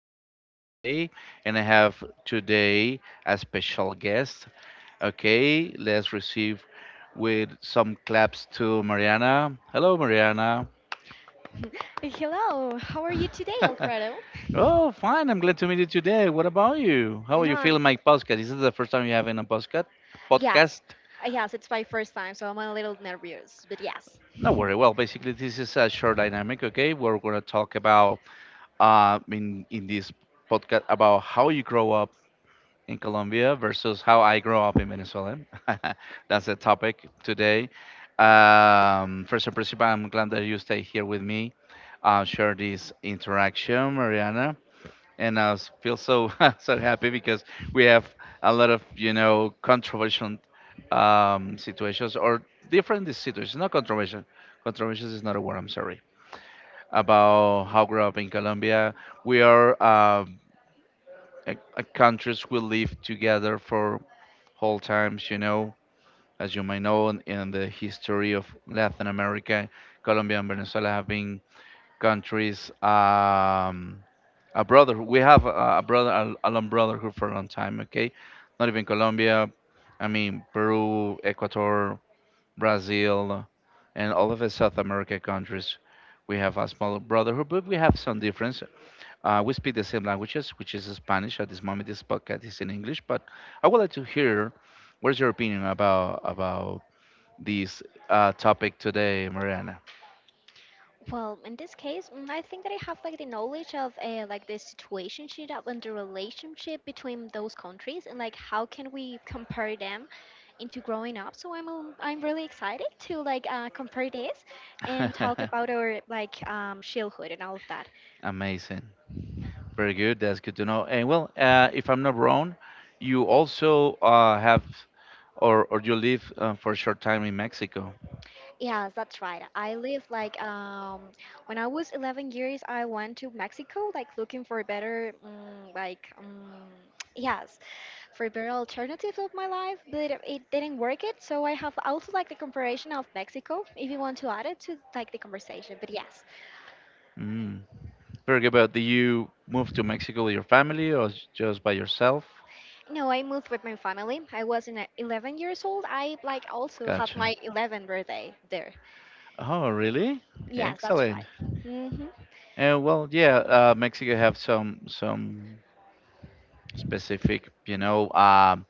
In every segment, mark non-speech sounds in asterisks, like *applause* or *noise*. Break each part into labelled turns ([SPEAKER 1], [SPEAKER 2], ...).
[SPEAKER 1] Alfredo, okay? And I have today a special guest, okay? Let's receive with some claps to Mariana. Hello, Mariana.
[SPEAKER 2] Hey, hello, how are you today,
[SPEAKER 1] *laughs*
[SPEAKER 2] Alfredo?
[SPEAKER 1] Oh, fine. I'm glad to meet you today. What about you? How are
[SPEAKER 2] No,
[SPEAKER 1] you
[SPEAKER 2] I'm-
[SPEAKER 1] feeling, my podcast? Is this the first time you have in a podcast? Podcast?
[SPEAKER 2] yes, yes, it's my first time, so I'm a little nervous, but yes.
[SPEAKER 1] No worry. Well, basically, this is a short dynamic. Okay, we're gonna talk about in this podcast about how you grow up in Colombia versus how I grew up in Venezuela. *laughs* That's the topic today. First and principal, I'm glad that you stay here with me, share this interaction, Mariana. And I feel so *laughs* so happy because we have a lot of controversial situations or different situations. Not controversial. Controversial is not a word. I'm sorry about how I grew up in Colombia. We are a countries we live together for whole times, you know, as you may know, in the history of Latin America, Colombia and Venezuela have been countries, a brother. We have a brother, a long brotherhood for a long time, okay? Not even Colombia, I mean, Peru, Ecuador, Brazil, and all of the South America countries. We have a small brotherhood, but we have some difference. We speak the same languages, which is Spanish. At this moment, this podcast is in English, but I would like to hear what is your opinion about this topic today, Mariana.
[SPEAKER 2] Well, in this case, I think that I have like the knowledge of like the situation and the relationship between those countries and like how can we compare them into growing up. So I'm really excited to like compare this and talk
[SPEAKER 1] *laughs*
[SPEAKER 2] about our like childhood and all of that.
[SPEAKER 1] Amazing, very good. That's good to know. And well, if I'm not wrong, you also have or you live for a short time in Mexico.
[SPEAKER 2] Yeah, that's right. I live like when I was 11 years old years I went to Mexico like looking for a better *tsk* yes, for a better alternative of my life, but it didn't work it. So I have also like the comparison of Mexico if you want to add it to like the conversation. But yes.
[SPEAKER 1] Mm. Very good. But did you move to Mexico with your family or just by yourself?
[SPEAKER 2] No, I moved with my family. I was in a- 11 years old. I like also had
[SPEAKER 1] Gotcha.
[SPEAKER 2] my 11th birthday there.
[SPEAKER 1] Oh, really?
[SPEAKER 2] Yes, that's
[SPEAKER 1] Excellent.
[SPEAKER 2] right. Mhm.
[SPEAKER 1] Well, yeah, Mexico have some specific, you know,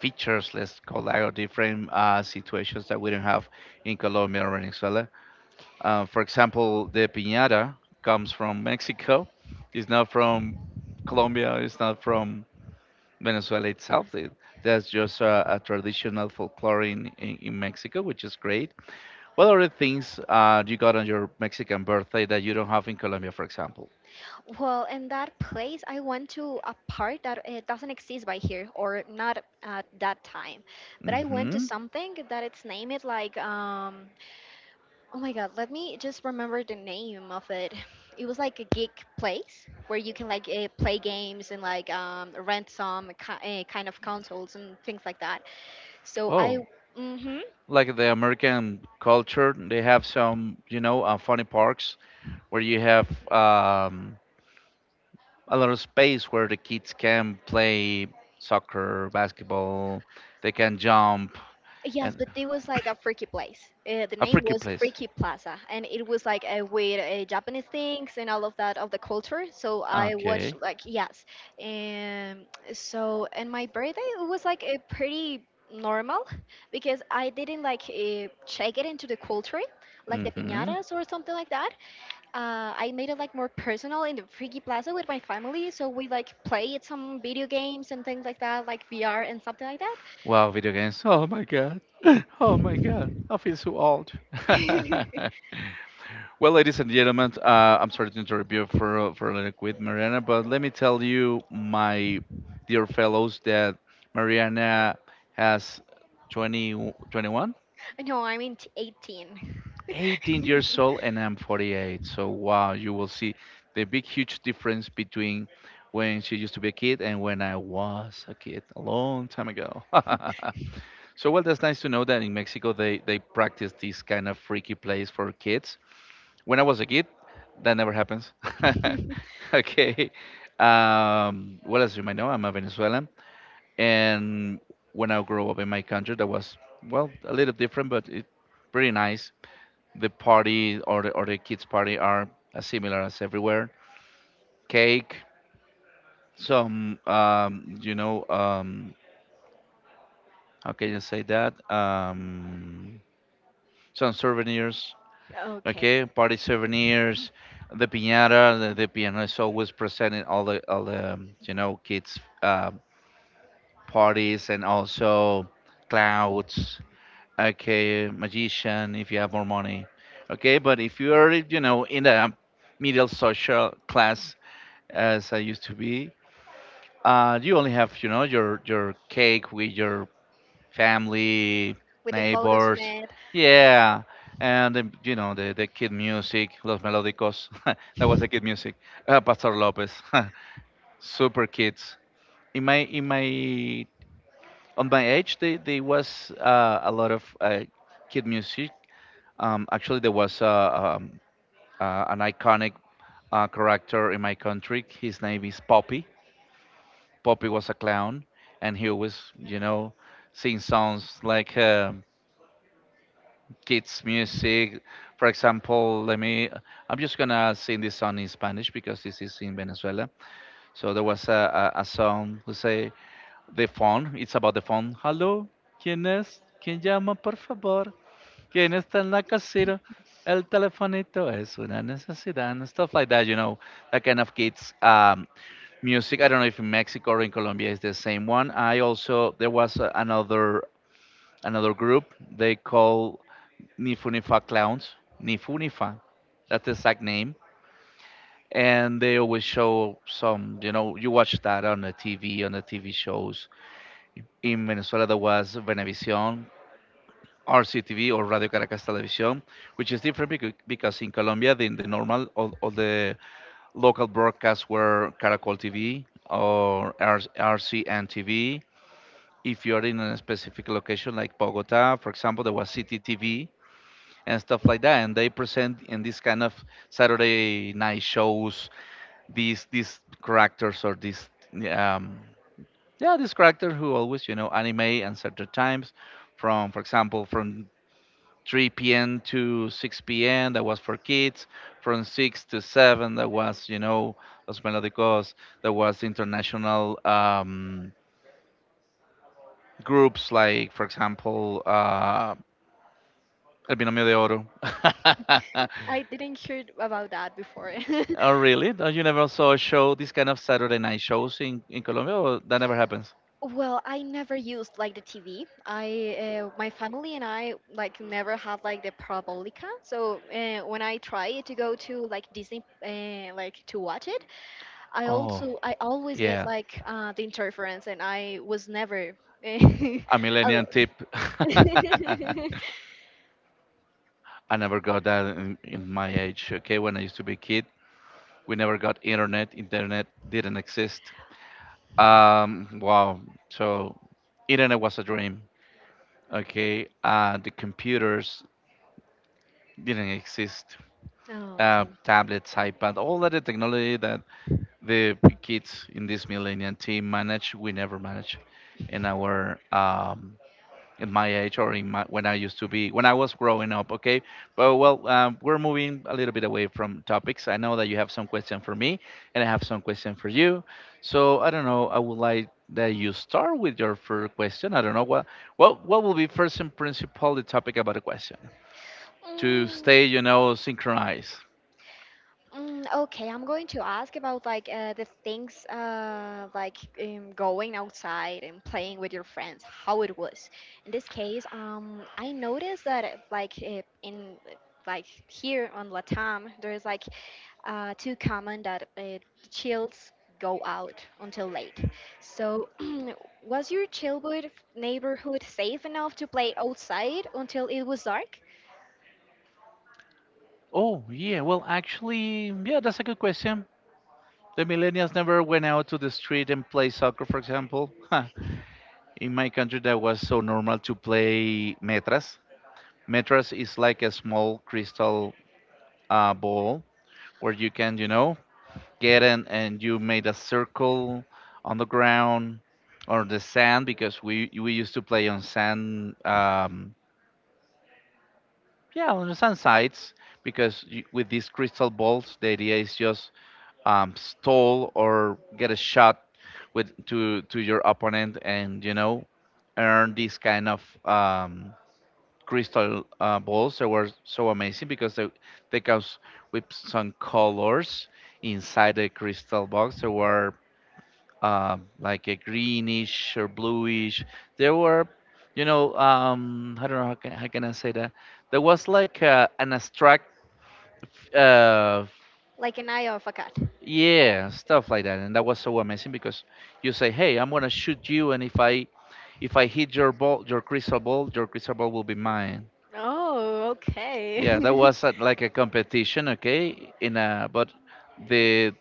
[SPEAKER 1] features. Let's call that or different situations that we don't have in Colombia or Venezuela. For example, the piñata comes from Mexico. It's not from Colombia. It's not from Venezuela itself. That's just a traditional folklore in Mexico, which is great. What are the things you got on your Mexican birthday that you don't have in Colombia, for example?
[SPEAKER 2] Well, in that place, I went to a park that it doesn't exist by here, or not at that time. But I went to
[SPEAKER 1] Hmm.
[SPEAKER 2] something that it's named like, oh my God, let me just remember the name of it. It was like a geek place where you can like play games and like rent some kind of consoles and things like that. So I,
[SPEAKER 1] Oh.
[SPEAKER 2] mm-hmm,
[SPEAKER 1] Like the American culture, they have some, you know, funny parks where you have a lot of space where the kids can play soccer, basketball, they can jump,
[SPEAKER 2] Yes,
[SPEAKER 1] and
[SPEAKER 2] but it was like a freaky place. The
[SPEAKER 1] a
[SPEAKER 2] name
[SPEAKER 1] freaky
[SPEAKER 2] was
[SPEAKER 1] place.
[SPEAKER 2] Freaky Plaza, and it was like with Japanese things and all of that of the culture. So I watched
[SPEAKER 1] Okay.
[SPEAKER 2] like yes, and and my birthday it was like a pretty normal because I didn't like check it into the culture like the
[SPEAKER 1] Mm-hmm.
[SPEAKER 2] piñatas or something like that. I made it like more personal in the Freaky Plaza with my family, so we like played some video games and things like that, like VR and something like that.
[SPEAKER 1] Wow, video games. Oh my god. *laughs* Oh my god. I feel so old. *laughs*
[SPEAKER 2] *laughs*
[SPEAKER 1] Well, ladies and gentlemen, I'm sorry to interrupt you for a little quit, Mariana, but let me tell you, my dear fellows, that Mariana has 20, 21,
[SPEAKER 2] No, I mean t- 18.
[SPEAKER 1] 18 years old, and I'm 48. So wow, you will see the big, huge difference between when she used to be a kid and when I was a kid a long time ago. *laughs* So well, that's nice to know that in Mexico they practice these kind of freaky plays for kids. When I was a kid, that never happens. *laughs*
[SPEAKER 2] *laughs*
[SPEAKER 1] Okay. Well, as you might know, I'm a Venezuelan, and when I grew up in my country, that was well a little different, but it pretty nice. The party or the kids party are as similar as everywhere. Cake, some how can you say that? Some souvenirs,
[SPEAKER 2] okay.
[SPEAKER 1] okay, party souvenirs, the piñata, the piano is always present in all the you know, kids parties, and also clouds, okay, magician if you have more money, okay, but if you are, you know, in the middle social class as I used to be, you only have, you know, your cake with your family,
[SPEAKER 2] With the photos on
[SPEAKER 1] neighbors.
[SPEAKER 2] it.
[SPEAKER 1] Yeah. And you know, the kid music, Los Melódicos. *laughs* That was the kid music. Pastor Lopez. *laughs* Super kids. In my age, they was a lot of kid music. Actually, there was an iconic character in my country. His name is Poppy. Poppy was a clown, and he always, you know, sing songs like kids music. For example, let me. I'm just gonna sing this song in Spanish because this is in Venezuela. So there was a song who say the phone. It's about the phone. Hello, ¿quién es? ¿Quién llama, por favor? ¿Quién está en la casita? El telefonito es una necesidad, and stuff like that. You know, that kind of kids music. I don't know if in Mexico or in Colombia is the same one. I also there was another group they call Nifunifa clowns. Nifunifa. That's the exact name. And they always show some, you know, you watch that on the TV, on the TV shows. In Venezuela, there was Venevisión, RCTV, or Radio Caracas Televisión, which is different because in Colombia, the normal, all the local broadcasts were Caracol TV or RCN TV. If you're in a specific location like Bogota, for example, there was CTTV, and stuff like that, and they present in this kind of Saturday night shows, these characters or these um yeah, these characters who always, you know, anime and certain times from, for example, from 3 p.m to 6 p.m, that was for kids. From 6 to 7, that was, you know, Los Melódicos. That was international groups like, for example, El Binomio de Oro.
[SPEAKER 2] I
[SPEAKER 1] *laughs*
[SPEAKER 2] didn't hear about that before. *laughs*
[SPEAKER 1] Oh, really? No, you never saw a show, this kind of Saturday night shows in Colombia, or that never happens?
[SPEAKER 2] Well, I never used like the TV. My family and I like never had like the Parabolica. So when I try to go to like Disney, like to watch it,
[SPEAKER 1] Oh,
[SPEAKER 2] I always get
[SPEAKER 1] yeah.
[SPEAKER 2] like the interference, and I was never. Uh,
[SPEAKER 1] A
[SPEAKER 2] *laughs*
[SPEAKER 1] millennial
[SPEAKER 2] al-
[SPEAKER 1] tip. *laughs*
[SPEAKER 2] *laughs*
[SPEAKER 1] I never got that in my age, okay? When I used to be a kid, we never got internet. Internet didn't exist. Wow. So, internet was a dream, okay? The computers didn't exist.
[SPEAKER 2] Oh.
[SPEAKER 1] Tablets, iPad, all of the technology that the kids in this millennial team manage, we never manage in our in my age, or in my when I used to be, when I was growing up, okay? But well, we're moving a little bit away from topics. I know that you have some question for me, and I have some question for you, so I don't know, I would like that you start with your first question. I don't know what will be first and principal the topic about the question to stay, you know, synchronized.
[SPEAKER 2] Okay, I'm going to ask about like the things going outside and playing with your friends, how it was. In this case, I noticed that like here on Latam, there is like too common that chills go out until late. So, *clears throat* was your childhood neighborhood safe enough to play outside until it was dark,
[SPEAKER 1] Oh, yeah. Well, actually, yeah, that's a good question. The millennials never went out to the street and play soccer, for example. *laughs* Huh. In my country, that was so normal to play metras. Metras is like a small crystal ball where you can, you know, get in, and you made a circle on the ground or the sand, because we used to play on sand, yeah, on the sand sites, because you, with these crystal balls, the idea is just stall or get a shot with to your opponent, and you know, earn these kind of crystal balls that were so amazing because they comes with some colors inside the crystal box. They were like a greenish or bluish. They were, you know, I don't know how can I say that. There was like an abstract f- uh,
[SPEAKER 2] like an eye of a cat?
[SPEAKER 1] yeah, stuff like that. And that was so amazing because you say, "Hey, I'm gonna shoot you, and if I hit your ball, your crystal ball, your crystal ball will be mine."
[SPEAKER 2] Oh,
[SPEAKER 1] Yeah, that
[SPEAKER 2] okay.
[SPEAKER 1] was
[SPEAKER 2] *laughs*
[SPEAKER 1] at, like a competition, okay? In a but the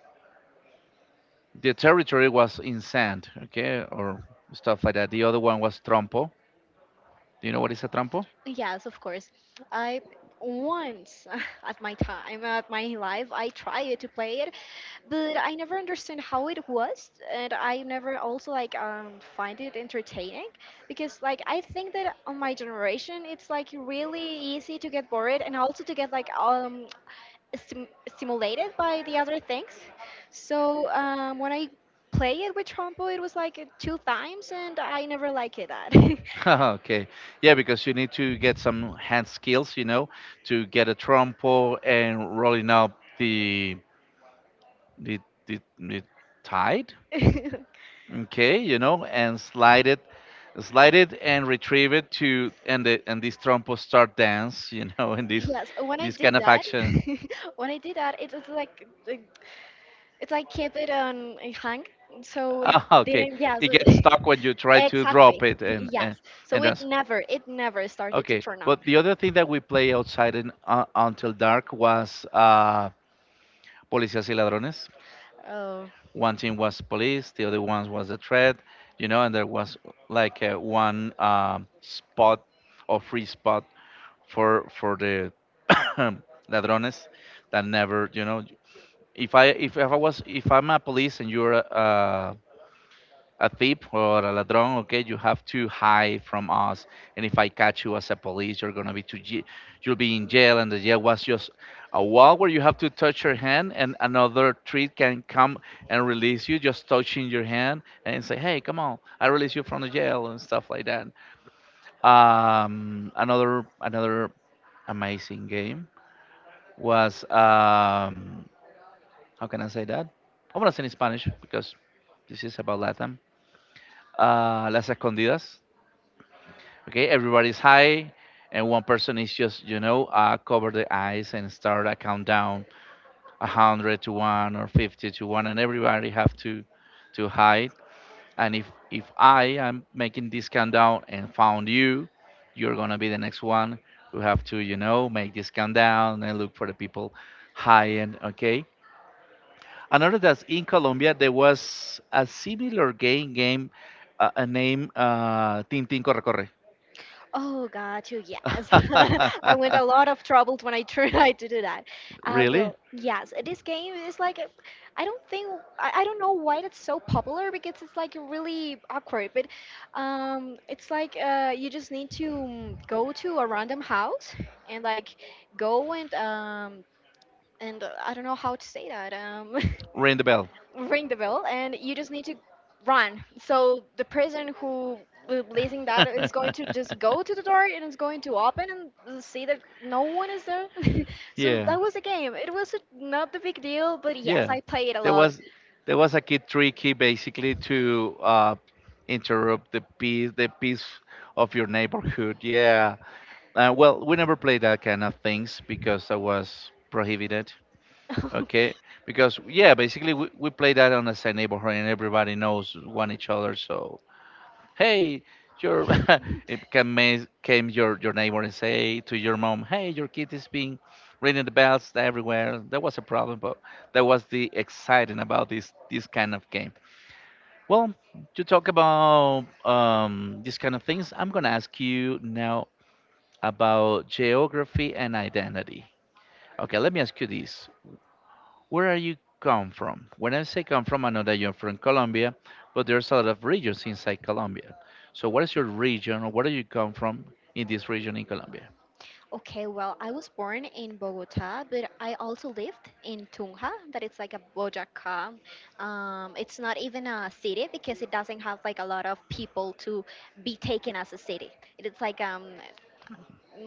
[SPEAKER 1] the territory was in sand, okay, or stuff like that. The other one was trompo. Do you know what is a trompo?
[SPEAKER 2] Yes, of course. I once *laughs* at my time, at my life, I tried to play it, but I never understood how it was, and I never also like find it entertaining because like I think that on my generation, it's like really easy to get bored and also to get like stim- stimulated by the other things. So when I play it with Trompo, it was like two times, and I never liked it that.
[SPEAKER 1] *laughs* Okay, yeah, because you need to get some hand skills, you know, to get a trompo and rolling up the the tide,
[SPEAKER 2] *laughs*
[SPEAKER 1] okay, you know, and slide it and retrieve it to and this trompo start dance *laughs* you know, and this
[SPEAKER 2] Yes, when I
[SPEAKER 1] this
[SPEAKER 2] did
[SPEAKER 1] kind of
[SPEAKER 2] that,
[SPEAKER 1] action. *laughs*
[SPEAKER 2] *laughs* when I did that, it, it's like kept it on a hang, so it
[SPEAKER 1] Ah, okay,
[SPEAKER 2] didn't. Yeah,
[SPEAKER 1] it
[SPEAKER 2] so
[SPEAKER 1] gets stuck when
[SPEAKER 2] *laughs*
[SPEAKER 1] you try to
[SPEAKER 2] exactly.
[SPEAKER 1] drop it, and and,
[SPEAKER 2] Yes, so
[SPEAKER 1] and dance.
[SPEAKER 2] it never started to
[SPEAKER 1] Okay,
[SPEAKER 2] turn on.
[SPEAKER 1] but the other thing that we play outside in, until dark was policías y ladrones.
[SPEAKER 2] Oh.
[SPEAKER 1] One team was police, the other one was the threat, you know, and there was one spot or free spot for the *coughs* ladrones, that never, you know. If i if, if i was if i'm a police and you're a thief or a ladron, okay, you have to hide from us, and if I catch you as a police, you're gonna be to j- you'll be in jail. And the jail was just a wall where you have to touch your hand, and another tree can come and release you just touching your hand and say, "Hey, come on, I release you from the jail," and stuff like that. Another amazing game was, how can I say that? I want to say in Spanish because this is about Latin. Las escondidas. Okay, everybody's high, and one person is just cover the eyes and start a countdown, 100 to 1 or 50 to 1, and everybody have to hide. And if I am making this countdown and found you, you're gonna be the next one who have to, make this countdown and look for the people high, and okay? I noticed that in Colombia there was a similar game named Tintin Corre Corre.
[SPEAKER 2] Oh, got you. Yes. *laughs* I went a
[SPEAKER 1] *laughs*
[SPEAKER 2] lot of trouble when I tried to *laughs* do that.
[SPEAKER 1] Really?
[SPEAKER 2] Well, yes, this game is like, I don't think, I don't know why it's so popular because it's like really awkward, but it's like you just need to go to a random house and like go and, I don't know how to say that. *laughs*
[SPEAKER 1] Ring the bell.
[SPEAKER 2] Ring the bell and you just need to run. So the person who will blazing that is going to
[SPEAKER 1] *laughs*
[SPEAKER 2] just go to the door and it's going to open and see that no one is there. *laughs* so
[SPEAKER 1] Yeah.
[SPEAKER 2] that was a game. It was a, not the big deal, but yes,
[SPEAKER 1] Yeah,
[SPEAKER 2] I play it a
[SPEAKER 1] there
[SPEAKER 2] lot.
[SPEAKER 1] was there was a key tricky basically to interrupt the peace of your neighborhood. Yeah. Well, we never played that kind of things because I was prohibited. Okay,
[SPEAKER 2] *laughs*
[SPEAKER 1] because, yeah, basically we play that on the same neighborhood, and everybody knows one each other. So, hey, your *laughs* it can came your neighbor and say to your mom, "Hey, your kid is being ringing the bells everywhere." That was a problem, but that was the exciting about this kind of game. Well, to talk about, these kind of things, I'm gonna ask you now about geography and identity. Okay, let me ask you this. Where are you come from? When I say come from, I know that you're from Colombia, but there's a lot of regions inside Colombia. So what is your region, or where do you come from in this region in Colombia?
[SPEAKER 2] okay, well, I was born in Bogota, but I also lived in Tunja, that it's like a Bojaca. It's not even a city because it doesn't have like a lot of people to be taken as a city. It's like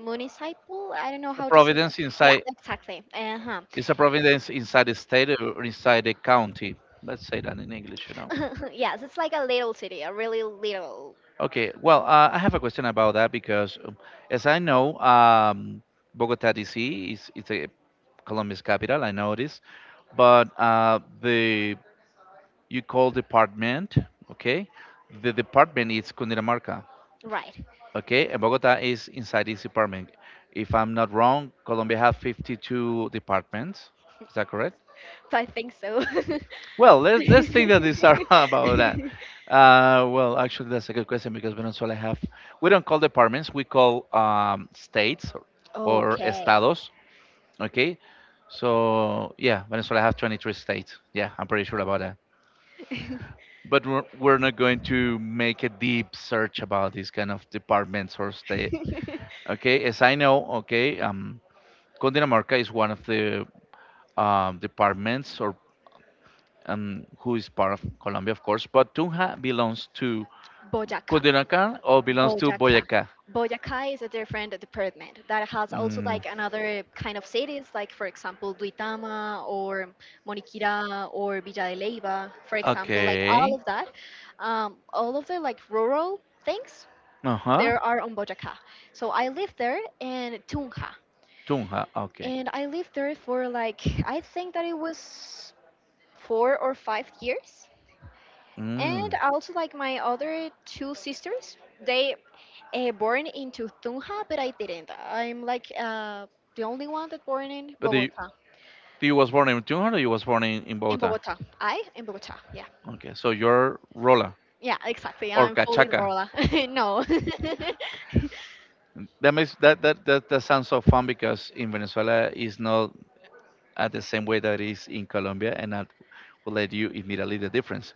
[SPEAKER 2] municipal, I don't know
[SPEAKER 1] The
[SPEAKER 2] how to say that.
[SPEAKER 1] providence
[SPEAKER 2] Yeah,
[SPEAKER 1] inside
[SPEAKER 2] exactly. Uh-huh.
[SPEAKER 1] is a providence inside the state or inside the county. Let's say that in English, you know.
[SPEAKER 2] *laughs* yes, it's like a little city, a really little.
[SPEAKER 1] Okay, well, I have a question about that because, as I know, Bogota DC is it's a Colombia's capital. I know this, but the you call department, okay? The department is Cundinamarca,
[SPEAKER 2] Right.
[SPEAKER 1] okay? And Bogota is inside this department. If I'm not wrong, Colombia have 52 departments. Is that correct?
[SPEAKER 2] So I think so. *laughs*
[SPEAKER 1] Well, let's think that these are *laughs* about that. Well, actually, that's a good question because Venezuela have, we don't call departments, we call, states or
[SPEAKER 2] okay.
[SPEAKER 1] estados. Okay, so, yeah, Venezuela have 23 states. Yeah, I'm pretty sure about. But we're not going to make a deep search about these kind of departments or state.
[SPEAKER 2] *laughs*
[SPEAKER 1] Okay, as I know, okay, Cundinamarca is one of the, departments or, who is part of Colombia, of course, but Tunja belongs to
[SPEAKER 2] bojaca.
[SPEAKER 1] Cundinamarca or belongs to
[SPEAKER 2] Boyaca.
[SPEAKER 1] Boyacá.
[SPEAKER 2] Boyacá is a different department that has also
[SPEAKER 1] Mm,
[SPEAKER 2] like another kind of cities, like for example Duitama or Moniquirá or Villa de Leyva, for example, like all of
[SPEAKER 1] okay.
[SPEAKER 2] that, all of the like rural things
[SPEAKER 1] Uh-huh.
[SPEAKER 2] there are on Boyacá. So I lived there in Tunja,
[SPEAKER 1] Tunja. Okay.
[SPEAKER 2] and I lived there for like I think that it was 4 or 5 years, and
[SPEAKER 1] Mm.
[SPEAKER 2] also like my other two sisters they born into Tunja but I didn't. I'm like the only one that born in
[SPEAKER 1] But you,
[SPEAKER 2] Bogota.
[SPEAKER 1] you was born in Tunja, or you was born in
[SPEAKER 2] in
[SPEAKER 1] Bogota?
[SPEAKER 2] bogota i in bogota Yeah,
[SPEAKER 1] Okay. So you're Rola
[SPEAKER 2] yeah exactly,
[SPEAKER 1] or
[SPEAKER 2] I'm fully
[SPEAKER 1] Cachaca.
[SPEAKER 2] rola. *laughs* no.
[SPEAKER 1] That makes that, that that that sounds so fun, because in Venezuela is not at the same way that it is in Colombia, and that will let you immediately the difference.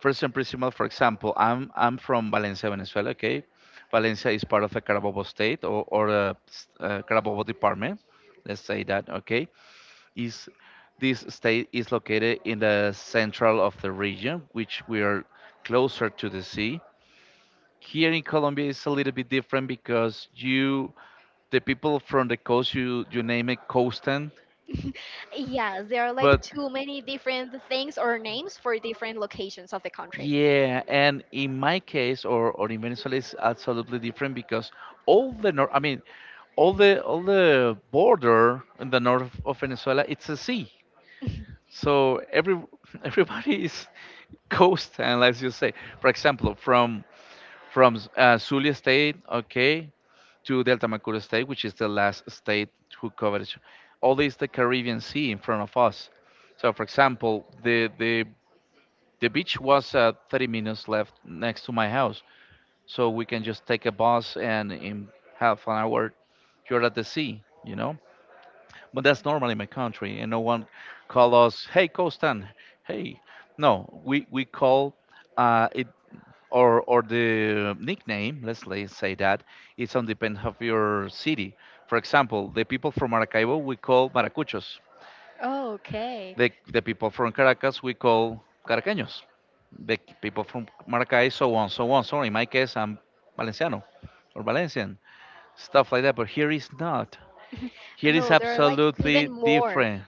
[SPEAKER 1] First and principal, for example, I'm from Valencia, Venezuela. Okay, Valencia is part of the Carabobo state or Carabobo department. Let's say that. Okay, is this state is located in the central of the region, which we are closer to the sea. Here in Colombia, it's a little bit different because you, the people from the coast, you name it coastan,
[SPEAKER 2] *laughs* yeah, there are like
[SPEAKER 1] but
[SPEAKER 2] too many different things or names for different locations of the country.
[SPEAKER 1] yeah. And in my case, or, in Venezuela, it's absolutely different because all the north, I mean, all the border in the north of Venezuela, it's a sea. So every *laughs* everybody is coast, and as you say, for example, from Zulia State, okay, to Delta Macuro State, which is the last state who covers all is the Caribbean Sea in front of us. So, for example, the beach was 30 minutes left next to my house, so we can just take a bus, and in half an hour you're at the sea, you know. But that's normal in my country, and no one call us, "Hey, Costan," "Hey." No, we call. It or the nickname, say that, it's on depend of your city. For example, the people from Maracaibo we call maracuchos.
[SPEAKER 2] Oh, okay.
[SPEAKER 1] The people from Caracas we call caraqueños. The people from Maracay, so on, so on. So in my case, I'm Valenciano or Valencian, stuff like that. But here is not. Here is
[SPEAKER 2] No, there are like
[SPEAKER 1] absolutely
[SPEAKER 2] even more.
[SPEAKER 1] different.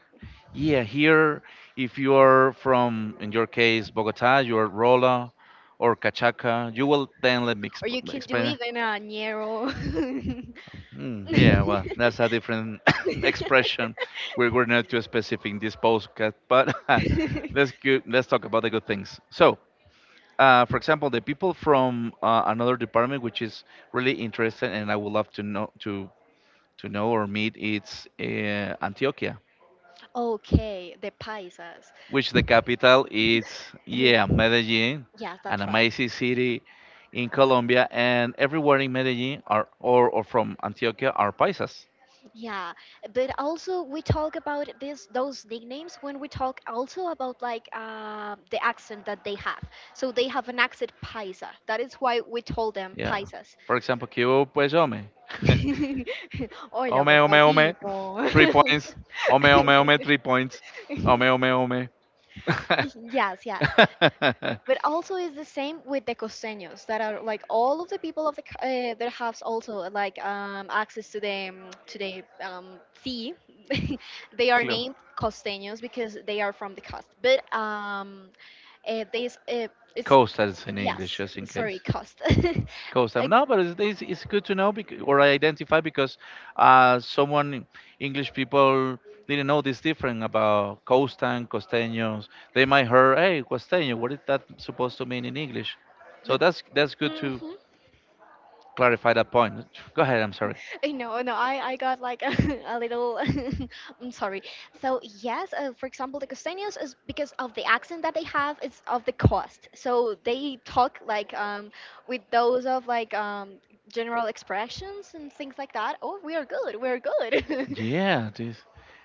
[SPEAKER 1] Yeah, here, if you are from, in your case, Bogota, you are Rola or Cachaca, you will then let me
[SPEAKER 2] Or you can do
[SPEAKER 1] explain.
[SPEAKER 2] even a ñero.
[SPEAKER 1] Mm,
[SPEAKER 2] *laughs*
[SPEAKER 1] yeah, well,
[SPEAKER 2] *laughs*
[SPEAKER 1] that's a different *coughs* expression. We're not too specific in this podcast, but *laughs* let's go, let's talk about the good things. So, for example, the people from, another department, which is really interesting, and I would love to know to know or meet, it's, Antioquia,
[SPEAKER 2] okay, the paisas.
[SPEAKER 1] which the capital is, yeah,
[SPEAKER 2] *laughs*
[SPEAKER 1] Medellin,
[SPEAKER 2] Yes,
[SPEAKER 1] an
[SPEAKER 2] that's right.
[SPEAKER 1] amazing city in Colombia, and everywhere in Medellin are or, from Antioquia are paisas.
[SPEAKER 2] Yeah, but also we talk about this those nicknames when we talk also about like the accent that they have. So they have an accent paisa. That is why we told them
[SPEAKER 1] Yeah.
[SPEAKER 2] paisas.
[SPEAKER 1] For example, que pues, hombre?
[SPEAKER 2] *laughs* Hola,
[SPEAKER 1] Hombre, hombre, hombre.
[SPEAKER 2] papacito.
[SPEAKER 1] *laughs* Three points. Hombre, hombre, hombre, three points. Hombre, hombre, hombre.
[SPEAKER 2] *laughs* yes, yes.
[SPEAKER 1] *laughs*
[SPEAKER 2] But also is the same with the costeños that are like all of the people of the that have also like access to the sea. *laughs* they are
[SPEAKER 1] Clo-
[SPEAKER 2] named costeños because they are from the coast. But this it's
[SPEAKER 1] Coasters in English,
[SPEAKER 2] yes,
[SPEAKER 1] just in
[SPEAKER 2] sorry,
[SPEAKER 1] case.
[SPEAKER 2] cost. *laughs*
[SPEAKER 1] Cause them.
[SPEAKER 2] Like,
[SPEAKER 1] No, but it's good to know, or identify, because, someone, English people, didn't know this different about coastan, costeños. They might hear, "Hey, costeño, what is that supposed to mean in English?" So
[SPEAKER 2] but,
[SPEAKER 1] that's good to
[SPEAKER 2] mhm.
[SPEAKER 1] clarify that point. Go ahead. I'm sorry.
[SPEAKER 2] No, I got like a, *laughs* a little. *laughs* I'm sorry. So yes, for example, the costeños is because of the accent that they have. It's of the cost. So they talk like with those of like general expressions and things like that. Oh, we are good. We are good.
[SPEAKER 1] Yeah, this,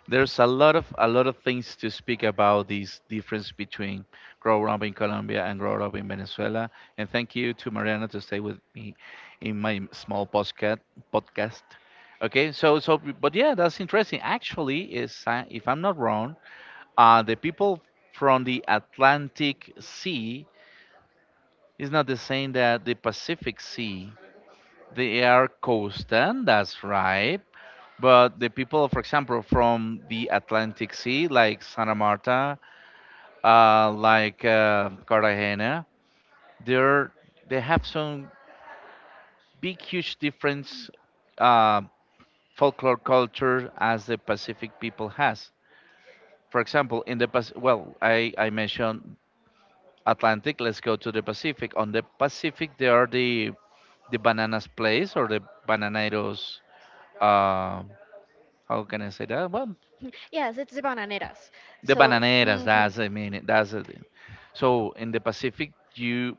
[SPEAKER 1] there's a lot of things to speak about this difference between growing up in Colombia and growing up in Venezuela. And thank you to Mariana to stay with me in my small podcast. Okay, so but, yeah, that's interesting. Actually, is, if I'm not wrong, the people from the Atlantic Sea is not the same that the Pacific Sea. They are coastal. That's right. But the people, for example, from the Atlantic Sea, like Santa Marta, like, Cartagena, they're, they have some big, huge difference, uh, folklore culture as the Pacific people has. For example, in the well, I mentioned Atlantic. Let's go to the Pacific. On the Pacific, there are the bananas place or the bananeros. Uh, how can I say that? Well,
[SPEAKER 2] *laughs* yes, it's the bananeras.
[SPEAKER 1] the
[SPEAKER 2] So.
[SPEAKER 1] bananeras.
[SPEAKER 2] Mhm.
[SPEAKER 1] That's, I mean, that's it. So in the Pacific, you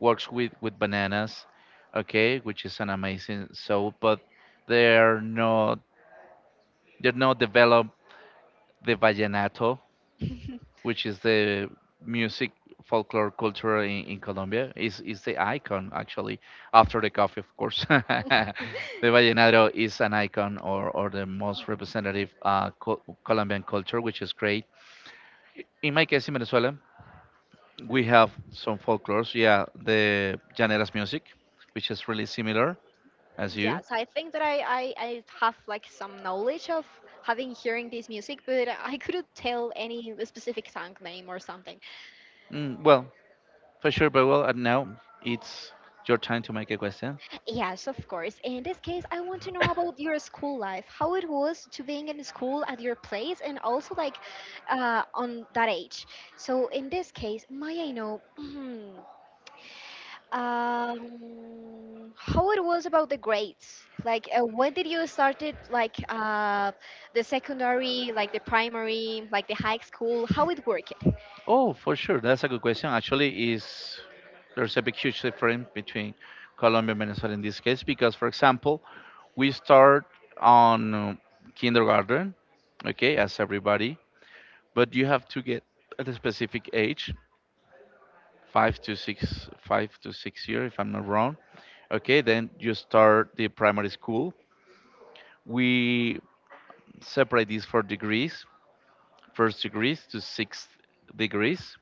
[SPEAKER 1] works with bananas, okay, which is an amazing soap, but they're not they're not developed the vallenato, which is the music folklore culture in Colombia. Is the icon, actually, after the coffee, of course. *laughs* The vallenato is an icon or the most representative, Colombian culture, which is great.
[SPEAKER 2] *laughs*
[SPEAKER 1] In my case, in Venezuela. We have some folklores. Yeah, the Llaneras music, which is really similar as you.
[SPEAKER 2] Yes, I think that I have like some knowledge of having hearing this music, but I couldn't tell any specific song name or something.
[SPEAKER 1] Mm, well, for sure. But well, and now it's your time to make a question.
[SPEAKER 2] Yes, of course. In this case, I want to know about your school life, how it was to being in school at your place, and also like on that age. So in this case, may I know? *clears throat* How it was about the grades? Like, when did you started like the secondary, like the primary, like the high school? How it worked?
[SPEAKER 1] Oh, for sure. That's a good question. Actually, is there's a big, huge difference between Colombia and Venezuela in this case because, for example, we start on, kindergarten, okay, as everybody, but you have to get at a specific age, 5 to 6 years, if I'm not wrong. Okay, then you start the primary school. We separate these for degrees, first degrees to sixth degrees.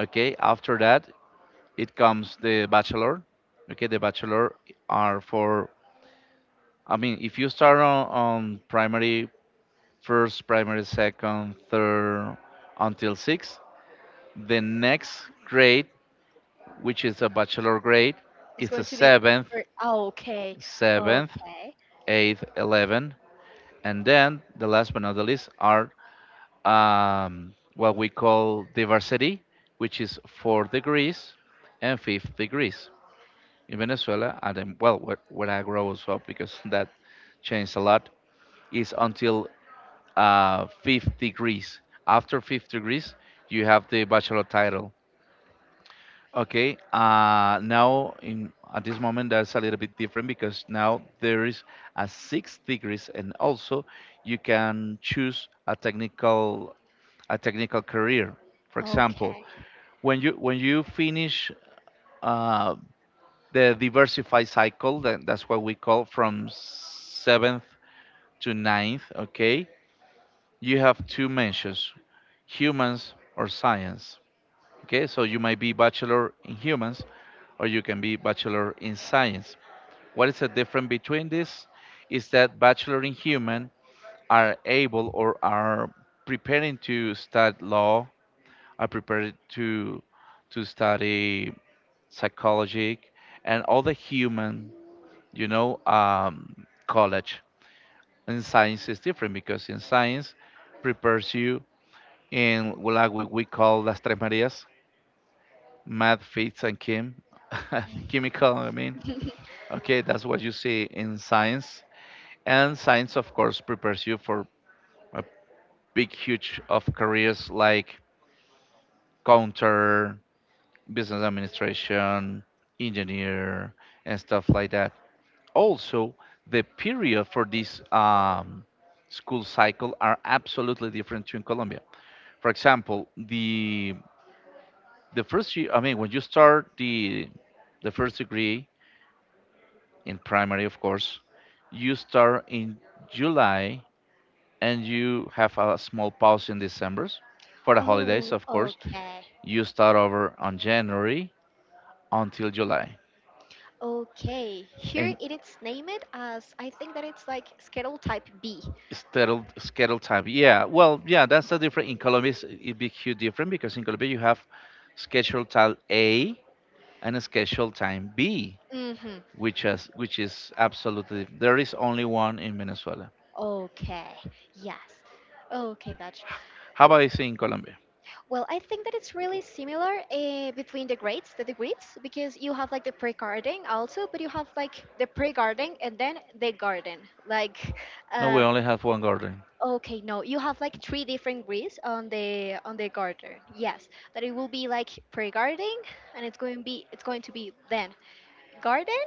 [SPEAKER 1] Okay, after that it comes the bachelor. Okay, the bachelor are for, I mean, if you start on, primary first, primary second, third until sixth, the next grade, which is a bachelor grade,
[SPEAKER 2] It's
[SPEAKER 1] is
[SPEAKER 2] going
[SPEAKER 1] a
[SPEAKER 2] to be
[SPEAKER 1] seventh,
[SPEAKER 2] for, oh, okay,
[SPEAKER 1] seventh,
[SPEAKER 2] okay,
[SPEAKER 1] eighth, 11th. And then the last but not the least are, what we call diversity, which is four degrees and fifth degrees. In Venezuela, and then, well, where I grows up because *laughs* that changed a lot, is until, fifth degrees. After fifth degrees, you have the bachelor title. Okay. Now in at this moment that's a little bit different because now there is a six degrees, and also you can choose a technical career. For example,
[SPEAKER 2] okay.
[SPEAKER 1] when you finish, uh, the diversified cycle, that's what we call from seventh to ninth. Okay, you have two mentions: humans or science. Okay, so you might be bachelor in humans, or you can be bachelor in science. What is the difference between this? Is that bachelor in human are able or are preparing to study law, are prepared to study psychology and all the human, you know, college. And science is different because in science prepares you in what we call las tres Marías, math, physics, and chem, *laughs* chemical. I mean,
[SPEAKER 2] *laughs*
[SPEAKER 1] okay, that's what you see in science, and science, of course, prepares you for a big, huge of careers like counter, business administration, engineer, and stuff like that. Also, the period for this school cycle are absolutely different to in Colombia. For example, the first year, I mean, when you start the first degree, in primary, of course. You start in July and you have a small pause in December for the holidays,
[SPEAKER 2] Oh,
[SPEAKER 1] of course.
[SPEAKER 2] okay,
[SPEAKER 1] You start over on January until July
[SPEAKER 2] okay. Here
[SPEAKER 1] and
[SPEAKER 2] it is named as I think that it's like schedule type B.
[SPEAKER 1] scheduled time. Yeah, well, yeah, that's the difference. In Colombia, it's a big, huge difference because in Colombia you have scheduled time A and a scheduled time B,
[SPEAKER 2] Mm-hmm.
[SPEAKER 1] which is absolutely there is only one in Venezuela.
[SPEAKER 2] Okay. Yes. Okay, gotcha.
[SPEAKER 1] How about you in Colombia?
[SPEAKER 2] Well, I think that it's really similar between the grades, the degrees, because you have like the pre-garden also, but you have like the pre-garden and then the garden. Like,
[SPEAKER 1] No, we
[SPEAKER 2] uh,
[SPEAKER 1] only have one garden.
[SPEAKER 2] okay, no, you have like three different grades on the garden. Yes, that it will be like pre-garden, and it's going to be then garden,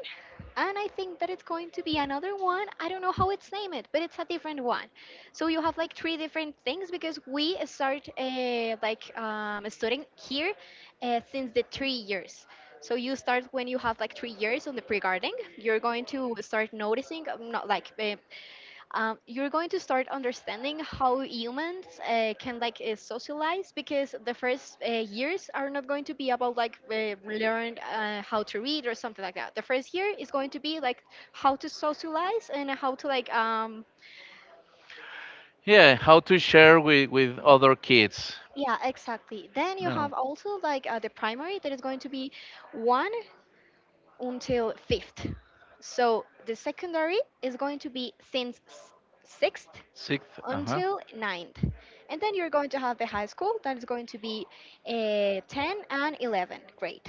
[SPEAKER 2] and I think that it's going to be another one, I don't know how it's named, but it's a different one. So you have like three different things because we start studying here since the 3 years. So you start when you have like 3 years on the pre-gardening, you're going to start noticing not like you're going to start understanding how humans can like socialize, because the first years are not going to be about like learn how to read or something like that. The first year is going to be like how to socialize and how to like
[SPEAKER 1] Yeah, how to share with other kids.
[SPEAKER 2] yeah, exactly. Then you
[SPEAKER 1] No,
[SPEAKER 2] have also like the primary that is going to be one until fifth. So the secondary is going to be since sixth
[SPEAKER 1] sixth. Uh huh.
[SPEAKER 2] until ninth. And then you're going to have the high school that is going to be 10 and 11 grade.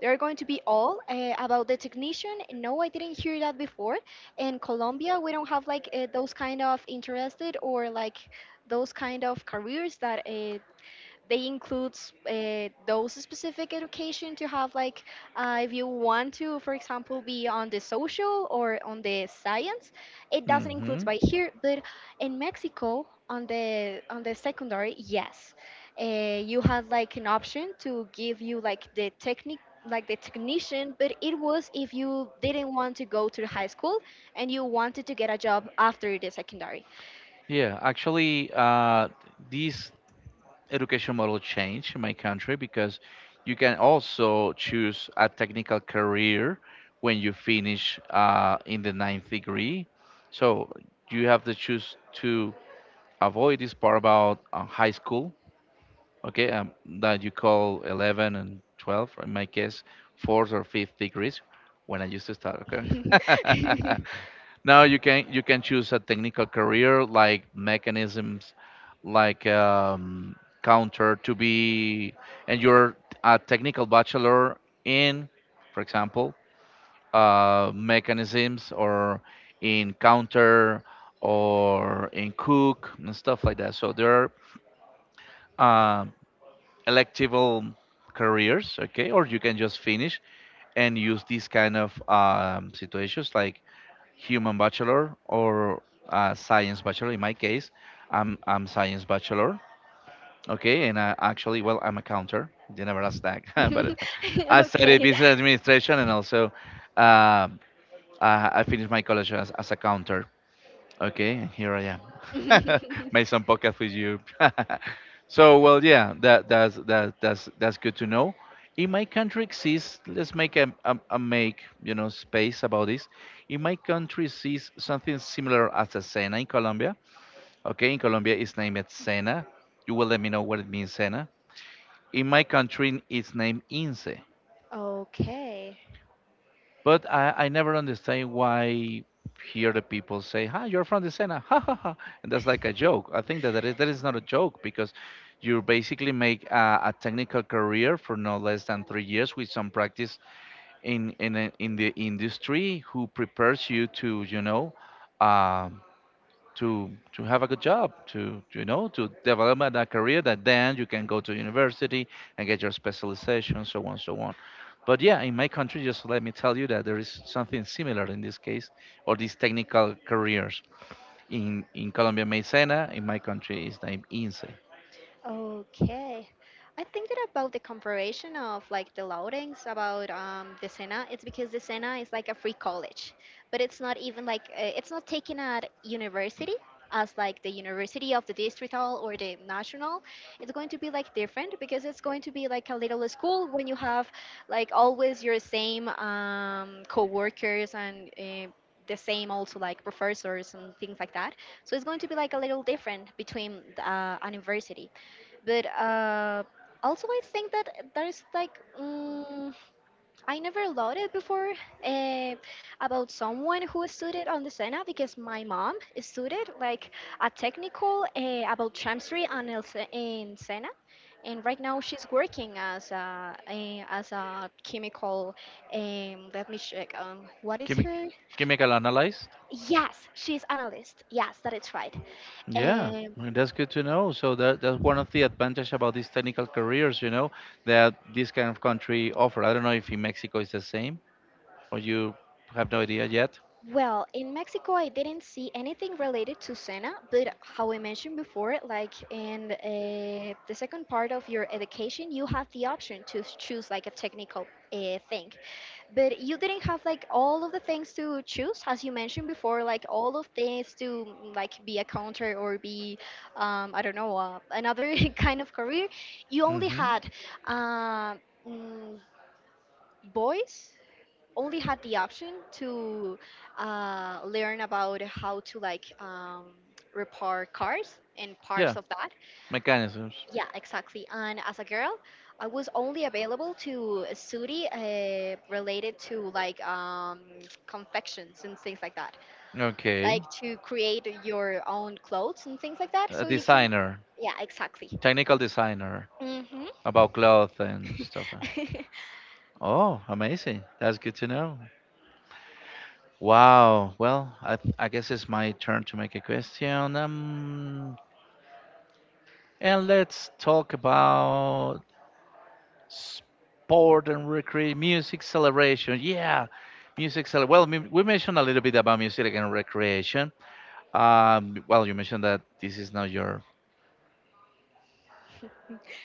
[SPEAKER 2] They're going to be all about the technician. No, I didn't hear that before. In Colombia, we don't have like those kind of interested, or like those kind of careers that they includes those specific education to have like if you want to, for example, be on the social or on the science, it doesn't include by here. But in Mexico, on the secondary, yes, you had like an option to give you like the technique, like the technician, but it was if you didn't want to go to the high school and you wanted to get a job after the secondary.
[SPEAKER 1] Yeah, actually, this education model changed in my country because you can also choose a technical career when you finish in the ninth degree. So you have to choose to avoid this part about high school okay, that you call 11 and 12, in my case, fourth or fifth degrees when I used to start, okay? *laughs* Now you can choose a technical career like mechanisms, like counter to be, and you're a technical bachelor in, for example, mechanisms or in counter or in cook and stuff like that. So there are electable careers okay, or you can just finish and use these kind of situations like human bachelor or science bachelor in my case. I'm science bachelor okay, and I actually well, I'm a counter, they never asked that. *laughs* But
[SPEAKER 2] *laughs* *laughs*
[SPEAKER 1] I studied
[SPEAKER 2] okay.
[SPEAKER 1] business administration and also, um, I finished my college as, a counter. Okay, and here I am.
[SPEAKER 2] *laughs*
[SPEAKER 1] *laughs* Made some podcast with you. *laughs* So well, yeah, that's good to know. In my country exists. Let's make a make you know space about this. In my country exists something similar as a cena in Colombia. Okay, in Colombia it's named cena. You will let me know what it means cena. In my country it's named ince.
[SPEAKER 2] Okay.
[SPEAKER 1] But I never understand why here the people say, "Hi, you're from the Sena," *laughs* ha ha ha, and that's like a joke. I think that that is not a joke because you basically make a technical career for no less than 3 years with some practice in in the industry who prepares you to Um, to have a good job to to develop a career that then you can go to university and get your specialization, so on so on. But yeah, in my country just let me tell you that there is something similar in this case, or these technical careers in Colombia, maizena, in my country is named INSE.
[SPEAKER 2] Okay. I think that about the comparison of like the loadings about the Sena, it's because the Sena is like a free college, but it's not even like it's not taken at university as like the university of the Distrital or the National. It's going to be like different because it's going to be like a little school when you have like always your same co-workers and the same also like professors and things like that. So it's going to be like a little different between the, an university. But also, I think that there's like I never loved it before uh, about someone who studied on the Sena, because my mom studied like a technical about chemistry in Sena, and right now she's working as a chemical, let me check, what is
[SPEAKER 1] Chemi-
[SPEAKER 2] her.
[SPEAKER 1] chemical analyst.
[SPEAKER 2] Yes, she's analyst, yes, that is right.
[SPEAKER 1] Yeah, I that's good to know. So that that's one of the advantage about these technical careers, you know, that this kind of country offer. I don't know if in Mexico it's the same, or you have no idea yet?
[SPEAKER 2] Well, in Mexico, I didn't see anything related to Sena, but how I mentioned before, like in the second part of your education, you have the option to choose like a technical thing. But you didn't have like all of the things to choose, as you mentioned before, like all of things to like be a counter or be, I don't know, another *laughs* kind of career. You only
[SPEAKER 1] Hmm.
[SPEAKER 2] had uh, mm, boys only had the option to learn about how to like repair cars and parts
[SPEAKER 1] Yeah,
[SPEAKER 2] of that.
[SPEAKER 1] mechanisms.
[SPEAKER 2] Yeah, exactly. And as a girl, I was only available to a study related to like confections and things like that,
[SPEAKER 1] Okay,
[SPEAKER 2] like to create your own clothes and things like that.
[SPEAKER 1] a
[SPEAKER 2] So you can,
[SPEAKER 1] designer,
[SPEAKER 2] yeah, exactly.
[SPEAKER 1] technical designer
[SPEAKER 2] Hmm.
[SPEAKER 1] about cloth and stuff. Uh.
[SPEAKER 2] *laughs*
[SPEAKER 1] Oh, amazing. That's good to know. Wow. Well, I, th- I guess it's my turn to make a question. And let's talk about sport and recreation, music celebration. Yeah, music celebration. Well, we mentioned a little bit about music and recreation. Well, you mentioned that this is not your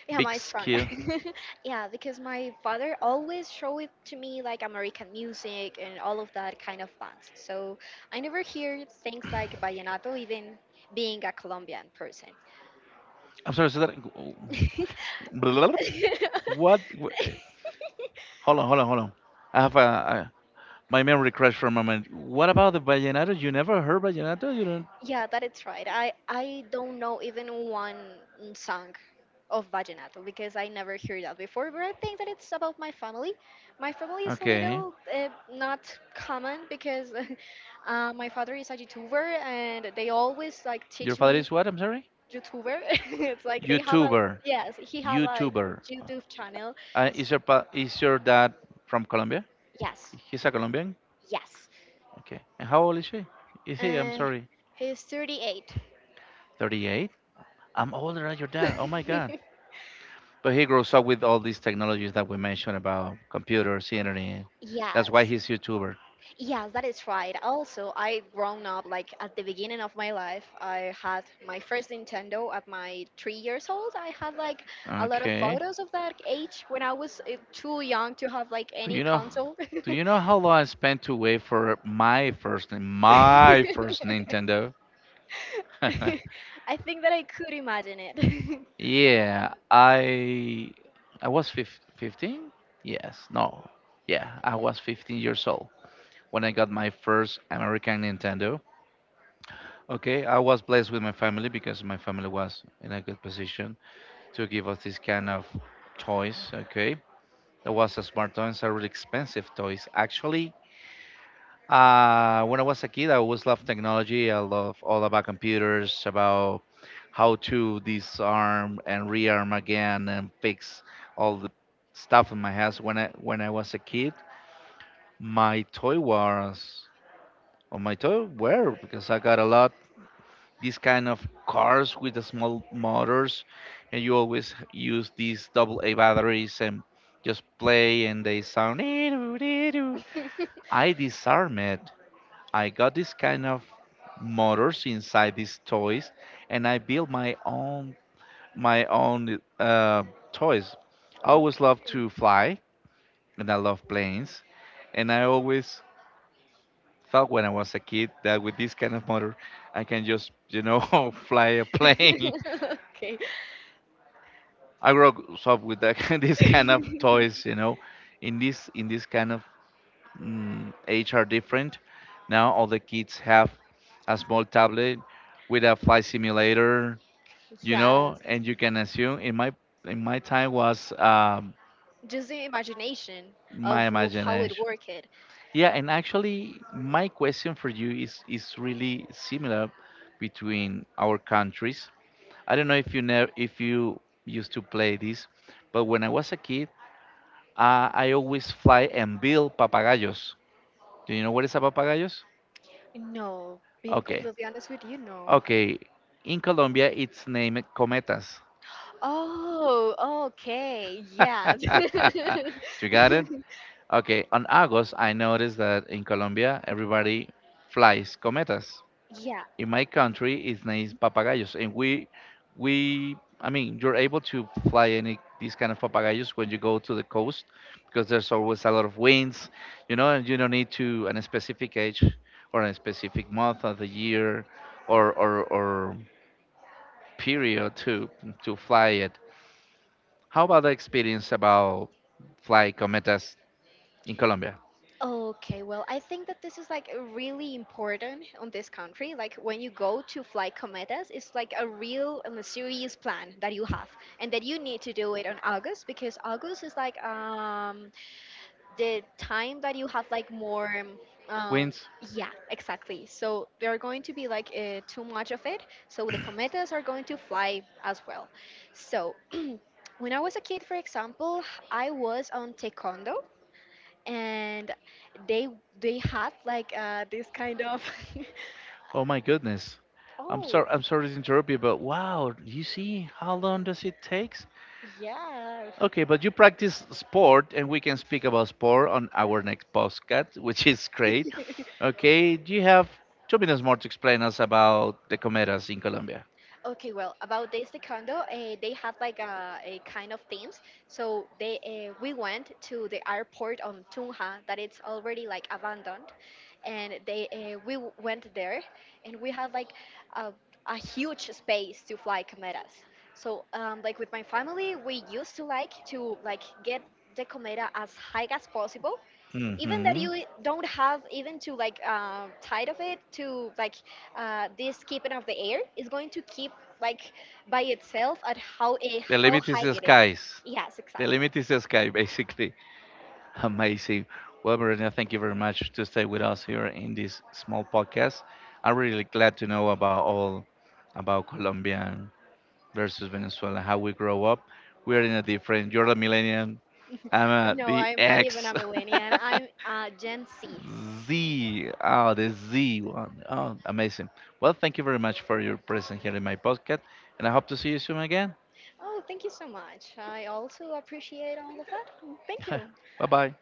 [SPEAKER 2] Yeah,
[SPEAKER 1] big
[SPEAKER 2] my strong.
[SPEAKER 1] skill.
[SPEAKER 2] *laughs* yeah, because my father always show it to me like American music and all of that kind of bands. So I never hear things like vallenato, even being a Colombian person.
[SPEAKER 1] I'm sorry, so that
[SPEAKER 2] *laughs* *laughs*
[SPEAKER 1] what? Hold on, hold on, hold on. I have a my memory crash for a moment. What about the vallenato? You never heard vallenato? You don't?
[SPEAKER 2] Yeah, that is right. I don't know even one song of vallenato, because I never heard that before. But I think that it's about my family. My family is a
[SPEAKER 1] Okay.
[SPEAKER 2] little not common, because *laughs* my father is a YouTuber and they always like
[SPEAKER 1] Your
[SPEAKER 2] teach
[SPEAKER 1] father
[SPEAKER 2] me
[SPEAKER 1] is what? I'm sorry.
[SPEAKER 2] YouTuber. *laughs* it's like they have a
[SPEAKER 1] YouTuber.
[SPEAKER 2] yes, he have a
[SPEAKER 1] YouTuber.
[SPEAKER 2] YouTube channel.
[SPEAKER 1] Is your pa- is your dad from Colombia?
[SPEAKER 2] Yes,
[SPEAKER 1] He's a Colombian.
[SPEAKER 2] yes.
[SPEAKER 1] Okay. And how old is she? Is he? I'm
[SPEAKER 2] Uh,
[SPEAKER 1] sorry.
[SPEAKER 2] he's 38.
[SPEAKER 1] 38. I'm older than your dad. Oh my God.
[SPEAKER 2] *laughs*
[SPEAKER 1] But he grows up with all these technologies that we mentioned about computers, internet. That's why
[SPEAKER 2] yes.
[SPEAKER 1] he's YouTuber.
[SPEAKER 2] Yes, that is right. Also, I grown up like at the beginning of my life. I had my first Nintendo at my 3 years old. I had like a lot of
[SPEAKER 1] Okay.
[SPEAKER 2] photos of that age when I was too young to have like
[SPEAKER 1] Do
[SPEAKER 2] any
[SPEAKER 1] you know
[SPEAKER 2] console. *laughs*
[SPEAKER 1] how long I spent to wait for my first
[SPEAKER 2] I
[SPEAKER 1] Nintendo? *laughs*
[SPEAKER 2] think that I could imagine it. *laughs*
[SPEAKER 1] Yeah, I was 15? Yes, no. Yeah, I was 15 years old when I got my first American Nintendo. Okay, I was blessed with my family because my family was in a good position to give us this kind of toys, okay? That was a smart toys, are really expensive toys. Actually, uh, when I was a kid, I always loved technology. I love all about computers, about how to disarm and rearm again and fix all the stuff in my house. When I was a kid, my toy was or my toy were because I got a lot these kind of cars with the small motors, and you always use these double A batteries and just play and they sound. *laughs* I disarm it, I got this kind of motors inside these toys, and I built my own my own toys. I always loved
[SPEAKER 2] okay.
[SPEAKER 1] to fly, and I love planes, and I always thought when I was a kid that with this kind of motor, I can just you know *laughs* fly a plane. *laughs*
[SPEAKER 2] *laughs* okay.
[SPEAKER 1] I grew up with that, *laughs* this kind of toys, you know, in this kind of age are different. Now all the kids have a small tablet with a flight simulator, you know,
[SPEAKER 2] Yes.
[SPEAKER 1] and you can assume in my time was
[SPEAKER 2] Just the imagination
[SPEAKER 1] my
[SPEAKER 2] of how it
[SPEAKER 1] imagination.
[SPEAKER 2] worked.
[SPEAKER 1] Yeah, and actually, my question for you is really similar between our countries. I don't know if you never if you used to play this, but when I was a kid, I always fly and build papagayos. Do you know what is a papagayos?
[SPEAKER 2] No, being
[SPEAKER 1] Okay,
[SPEAKER 2] completely honest with you, no.
[SPEAKER 1] okay, in Colombia, it's named cometas.
[SPEAKER 2] Oh, okay. Yes.
[SPEAKER 1] *laughs*
[SPEAKER 2] *laughs*
[SPEAKER 1] You got it? Okay, on August, I noticed that in Colombia, everybody flies cometas.
[SPEAKER 2] Yeah.
[SPEAKER 1] In my country, it's named papagayos, and I mean, you're able to fly any these kind of papagayos when you go to the coast because there's always a lot of winds, you know, and you don't need to an specific age or a specific month of the year or period to fly it. How about the experience about fly cometas in Colombia?
[SPEAKER 2] Okay. Well, I think that this is like really important on this country. Like when you go to fly cometas, it's like a real and a serious plan that you have, and that you need to do it on August, because August is like the time that you have like more um
[SPEAKER 1] Winds?
[SPEAKER 2] yeah, exactly. So there are going to be like too much of it, so the cometas are going to fly as well. So when I was a kid, for example, I was on taekwondo, and they they had like this kind of, *laughs*
[SPEAKER 1] Oh my goodness. I'm
[SPEAKER 2] oh
[SPEAKER 1] sorry I'm sorry to interrupt you, but wow, you see how long does it takes?
[SPEAKER 2] yeah.
[SPEAKER 1] Okay, but you practice sport and we can speak about sport on our next podcast, which is great.
[SPEAKER 2] *laughs*
[SPEAKER 1] Okay, do you have 2 minutes more to explain us about the cometas in Colombia?
[SPEAKER 2] Okay, well, about this taekwondo, they had like a kind of themes. So they we went to the airport on Tunja that it's already like abandoned, and they we went there, and we had like a, a huge space to fly cometas. So like with my family, we used to like get the cometa as high as possible, even that
[SPEAKER 1] Hmm.
[SPEAKER 2] you don't have even to like tired of it, to like this keeping of the air is going to keep like by itself at how a
[SPEAKER 1] The
[SPEAKER 2] how
[SPEAKER 1] limit is
[SPEAKER 2] high
[SPEAKER 1] the
[SPEAKER 2] it is.
[SPEAKER 1] skies.
[SPEAKER 2] Yes,
[SPEAKER 1] The
[SPEAKER 2] exactly.
[SPEAKER 1] limit is the sky, *laughs* basically. Amazing. Well, Marina, thank you very much to stay with us here in this small podcast. I'm really glad to know about all about Colombia versus Venezuela, how we grow up. We're in a different. You're a millennial. I'm
[SPEAKER 2] *laughs*
[SPEAKER 1] a
[SPEAKER 2] no,
[SPEAKER 1] the
[SPEAKER 2] I'm not even
[SPEAKER 1] X.
[SPEAKER 2] a millennial,
[SPEAKER 1] *laughs*
[SPEAKER 2] I'm Gen Z.
[SPEAKER 1] Z. Oh, the Z one. Oh, amazing. Well, thank you very much for your presence here in my podcast, and I hope to see you soon again.
[SPEAKER 2] Oh, thank you so much, I also appreciate all of that. Thank you.
[SPEAKER 1] *laughs* Bye bye.